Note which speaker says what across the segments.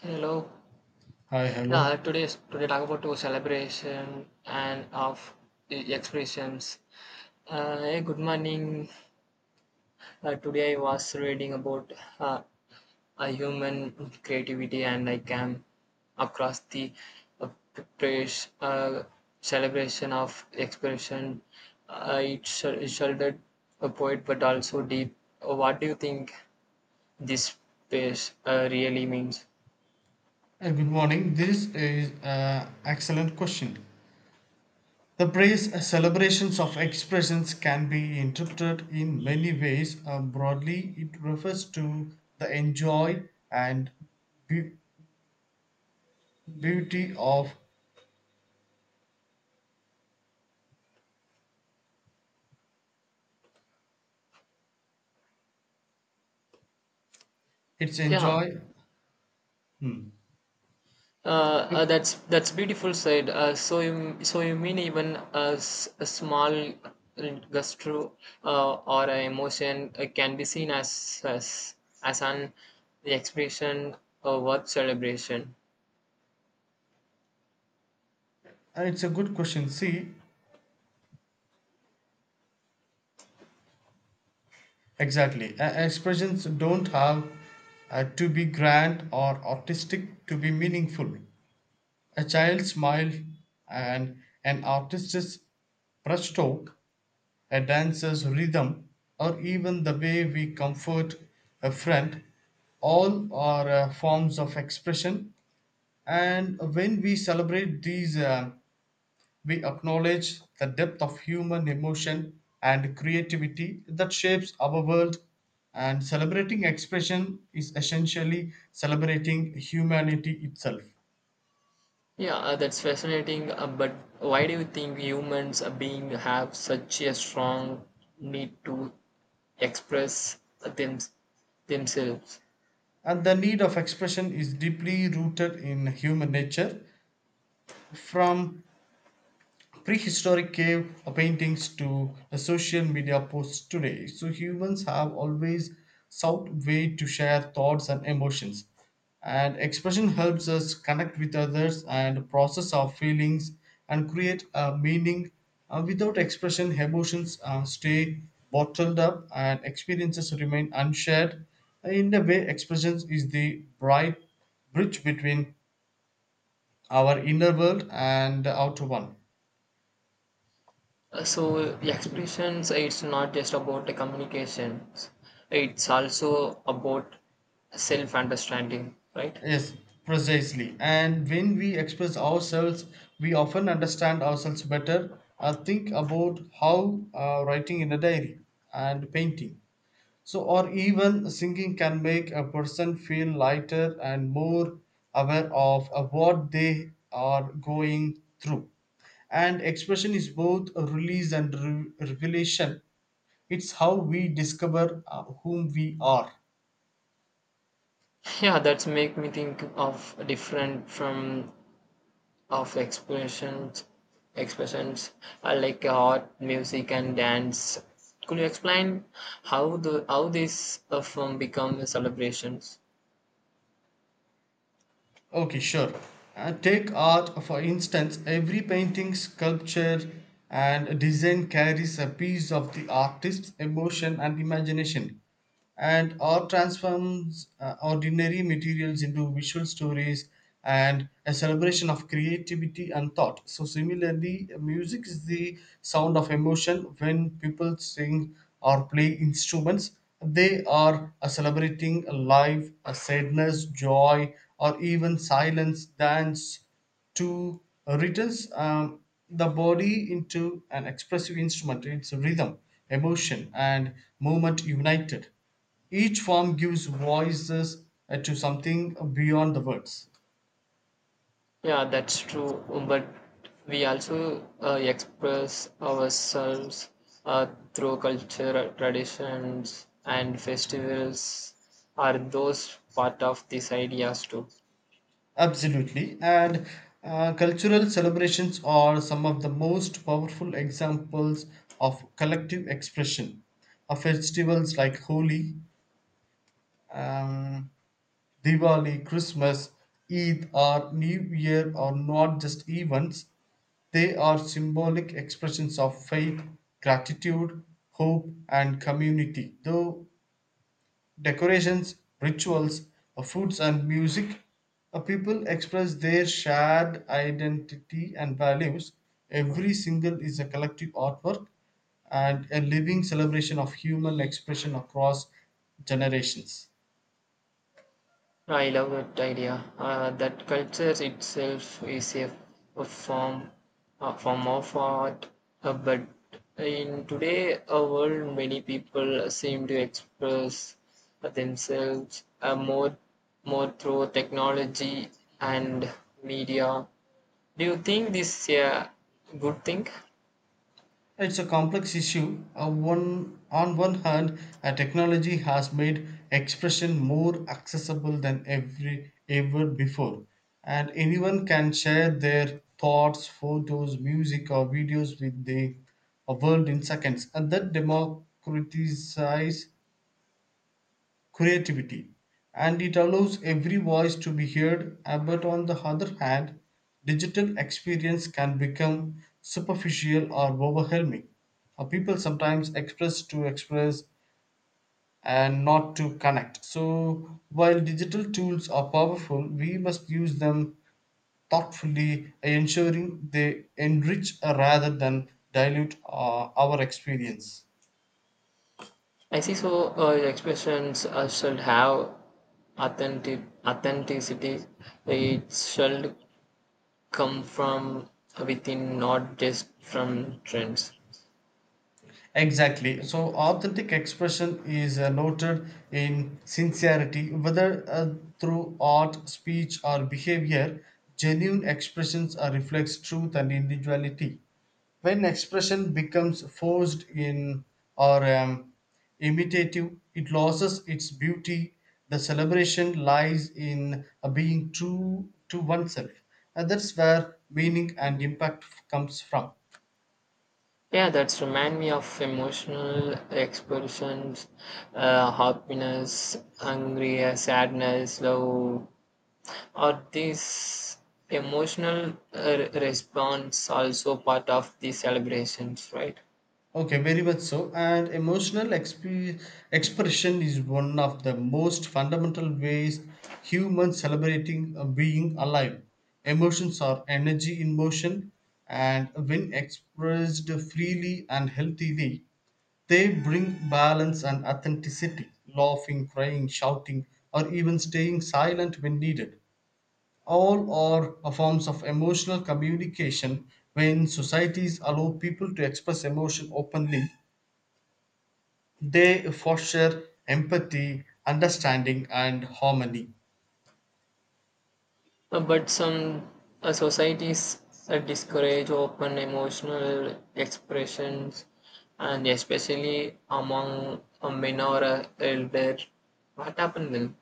Speaker 1: Hello.
Speaker 2: Hi, hello,
Speaker 1: Yeah, today talk about to celebration and of the expressions. Hey, good morning. Today I was reading about uh, a human creativity and I came across the praise celebration of expression. It shouldered a poet but also deep. What do you think this space really means?
Speaker 2: and good morning. This is an excellent question. The praise celebrations of expressions can be interpreted in many ways. Broadly, it refers to the enjoy and be- beauty of its
Speaker 1: Yeah.
Speaker 2: enjoy. Hmm. Yep.
Speaker 1: That's beautiful said. So you mean even a small gastro or a emotion can be seen as as an expression of worth celebration.
Speaker 2: It's a good question. See, exactly. Expressions don't have to be grand or artistic to be meaningful. A child's smile and an artist's brushstroke, a dancer's rhythm, or even the way we comfort a friend, all are forms of expression. And when we celebrate these, we acknowledge the depth of human emotion and creativity that shapes our world. And celebrating expression is essentially celebrating humanity itself.
Speaker 1: Yeah, that's fascinating. But why do you think humans are being have such a strong need to express them, themselves?
Speaker 2: And the need of expression is deeply rooted in human nature. From prehistoric cave paintings to a social media posts today. So humans have always sought way to share thoughts and emotions. And expression helps us connect with others and process our feelings and create a meaning. Without expression, emotions stay bottled up and experiences remain unshared. In a way, expressions is the bright bridge between our inner world and the outer one.
Speaker 1: So the expressions, it's not just about the communications. It's also about self-understanding, right?
Speaker 2: Yes, precisely. And when we express ourselves, we often understand ourselves better. Think about how writing in a diary and painting, so or even singing can make a person feel lighter and more aware of what they are going through. And expression is both a release and revelation. It's how we discover whom we are.
Speaker 1: Yeah, that's make me think of different from of expressions, expressions like art, music, and dance. Could you explain how this film become a celebrations?
Speaker 2: Okay, sure. Take art for instance, every painting, sculpture, and design carries a piece of the artist's emotion and imagination. And art transforms ordinary materials into visual stories and a celebration of creativity and thought. So, similarly, music is the sound of emotion. When people sing or play instruments, they are celebrating a life, a sadness, joy, or even silence, dance to returns the body into an expressive instrument. It's rhythm, emotion, and movement united. Each form gives voices to something beyond the words.
Speaker 1: Yeah, that's true. But we also express ourselves uh, through culture, traditions, and festivals are those part of these ideas too?
Speaker 2: Absolutely. And cultural celebrations are some of the most powerful examples of collective expression. Festivals like Holi, um, Diwali, Christmas, Eid, or New Year are not just events, they are symbolic expressions of faith, gratitude, hope, and community. Though decorations, rituals, foods, and music, people express their shared identity and values. Every single is a collective artwork and a living celebration of human expression across generations.
Speaker 1: I love that idea. That culture itself is a form, a form of art. But in today world, many people seem to express themselves more through technology and media. Do you think this is a good thing?
Speaker 2: It's a complex issue. On one hand, technology has made expression more accessible than every ever before, and anyone can share their thoughts, photos, music, or videos with the world in seconds. And that democratizes creativity and it allows every voice to be heard but on the other hand digital experience can become superficial or overwhelming. People sometimes express to express and not to connect, so while digital tools are powerful we must use them thoughtfully, ensuring they enrich rather than dilute our experience.
Speaker 1: I see. So expressions should have authentic authenticity. It should come from within, not just from trends.
Speaker 2: Exactly. So, authentic expression is noted in sincerity, whether through art, speech, or behavior. Genuine expressions are reflects truth and individuality. When expression becomes forced in or imitative, it loses its beauty. The celebration lies in being true to oneself, and that's where meaning and impact comes from.
Speaker 1: Yeah, that's remind me of emotional expressions, happiness, anger, sadness, love. Are these emotional response also part of the celebrations, right?
Speaker 2: Okay, very much so. And emotional expression is one of the most fundamental ways humans celebrating being alive. Emotions are energy in motion, and when expressed freely and healthily, they bring balance and authenticity. Laughing, crying, shouting, or even staying silent when needed. All are a forms of emotional communication. When societies allow people to express emotion openly they foster empathy, understanding, and harmony.
Speaker 1: But some societies discourage open emotional expressions, and especially among men or elder. What happened then?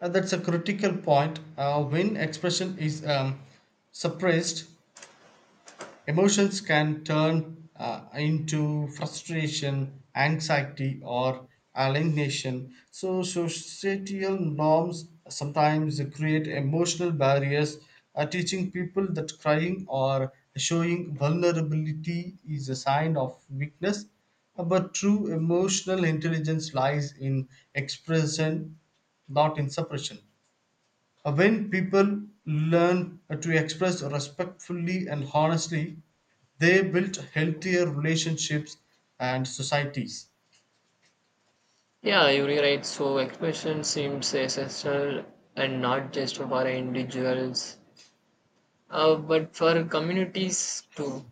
Speaker 2: That's a critical point. When expression is suppressed, emotions can turn into frustration, anxiety, or alienation. So, societal norms sometimes create emotional barriers, teaching people that crying or showing vulnerability is a sign of weakness. But true emotional intelligence lies in expression, not in suppression. When people learn to express respectfully and honestly, they build healthier relationships and societies.
Speaker 1: Yeah, you're right. So expression seems essential and not just for individuals, but for communities too.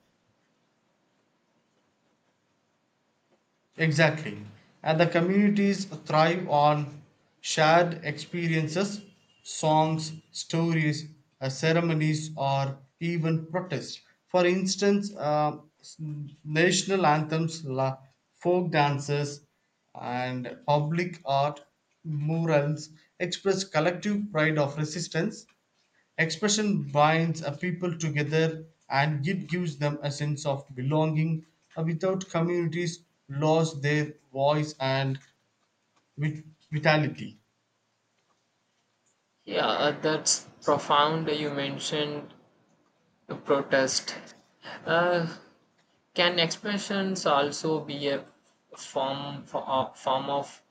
Speaker 2: Exactly. And the communities thrive on shared experiences, songs, stories, ceremonies, or even protests. For instance, national anthems, folk dances, and public art murals express collective pride of resistance. Expression binds a people together and it gives them a sense of belonging. Without communities, lose their voice and vit- vitality.
Speaker 1: Yeah, that's profound. You mentioned the protest. Uh, Can expressions also be a form of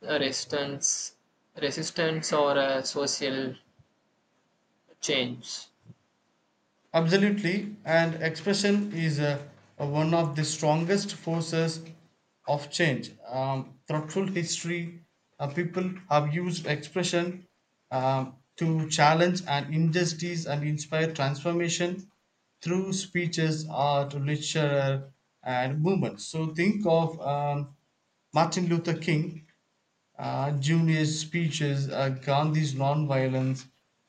Speaker 1: resistance, resistance or a social change?
Speaker 2: Absolutely, and expression is one of the strongest forces of change. Throughout history, people have used expression to challenge an injustice and inspire transformation through speeches, art, literature, and movements. So think of Martin Luther King Junior's speeches, Gandhi's nonviolence,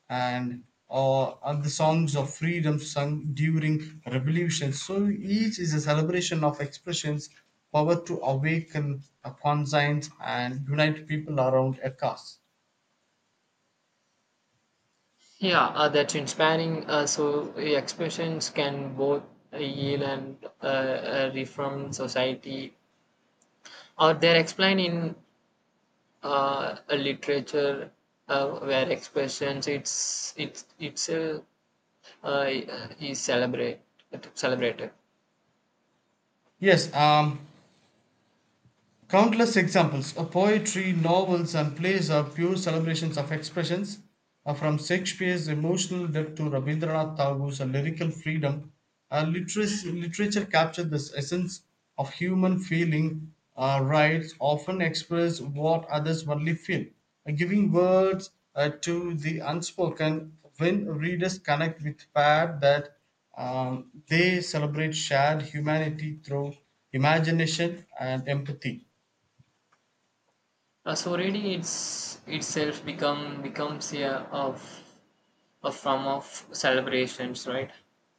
Speaker 2: and and the songs of freedom sung during revolutions. So each is a celebration of expressions, power to awaken a conscience and unite people around a cause.
Speaker 1: Yeah, that's inspiring. So expressions can both heal and reform society. Or they're explained in a literature where expressions it's uh, is celebrated.
Speaker 2: Yes, countless examples of poetry, novels, and plays are pure celebrations of expressions, from Shakespeare's emotional depth to Rabindranath Tagore's lyrical freedom. Literature captured the essence of human feeling. Writes often express what others only feel, giving words to the unspoken. When readers connect with pair that they celebrate shared humanity through imagination and empathy.
Speaker 1: So reading it's itself becomes of a form of celebrations, right?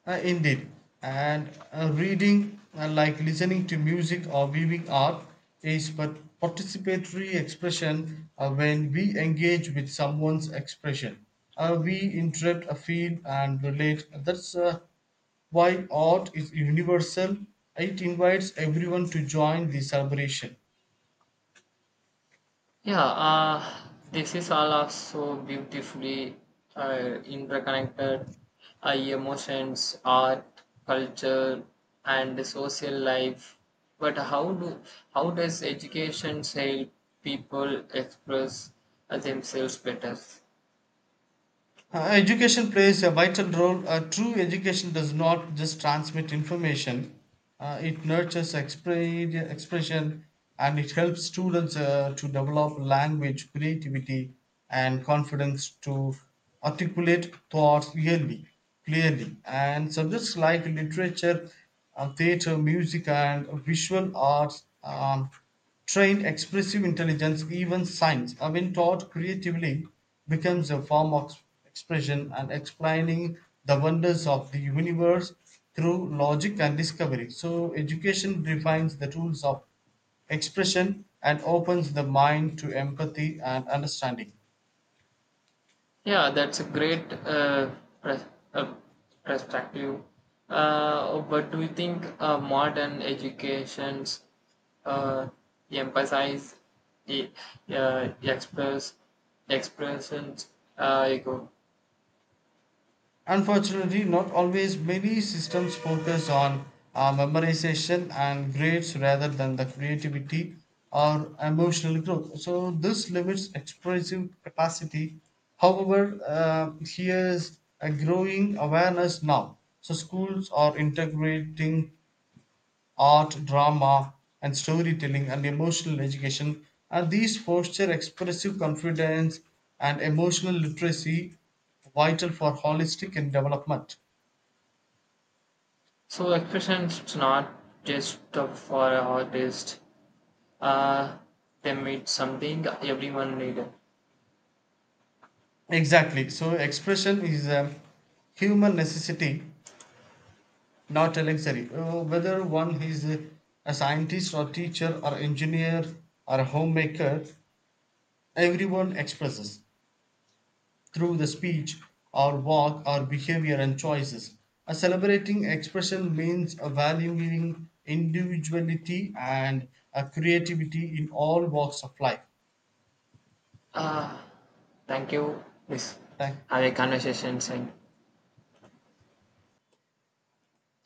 Speaker 2: Indeed, and reading, like listening to music or viewing art, is but participatory expression when we engage with someone's expression. We interrupt a feel and relate. That's why art is universal. It invites everyone to join the celebration.
Speaker 1: Yeah, this is all also beautifully interconnected. Emotions, art, culture, and the social life. But how does education help people express themselves better?
Speaker 2: Education plays a vital role. True education does not just transmit information, it nurtures expression and it helps students to develop language, creativity, and confidence to articulate thoughts clearly. And subjects like literature, theater, music, and visual arts. Trained expressive intelligence, even science, I mean taught creatively, becomes a form of expression and explaining the wonders of the universe through logic and discovery. So, education defines the tools of expression and opens the mind to empathy and understanding.
Speaker 1: Yeah, that's a great pres- uh, perspective. But do you think modern educations uh, emphasize e- uh, express expressions? Ego?
Speaker 2: Unfortunately, not always many systems focus on memorization and grades rather than the creativity or emotional growth. So, this limits expressive capacity. However, here's a growing awareness now. So, schools are integrating art, drama, and storytelling and emotional education, and these foster expressive confidence and emotional literacy vital for holistic and development.
Speaker 1: So expressions it's not just for an artist. Uh, they meet something everyone need.
Speaker 2: Exactly. So expression is a human necessity, not a luxury. Whether one is a scientist or teacher or engineer or a homemaker, everyone expresses through the speech or walk or behavior and choices. A celebrating expression means a valuing individuality and a creativity in all walks of life.
Speaker 1: Uh, thank you. This
Speaker 2: Thank.
Speaker 1: have a conversation. Saying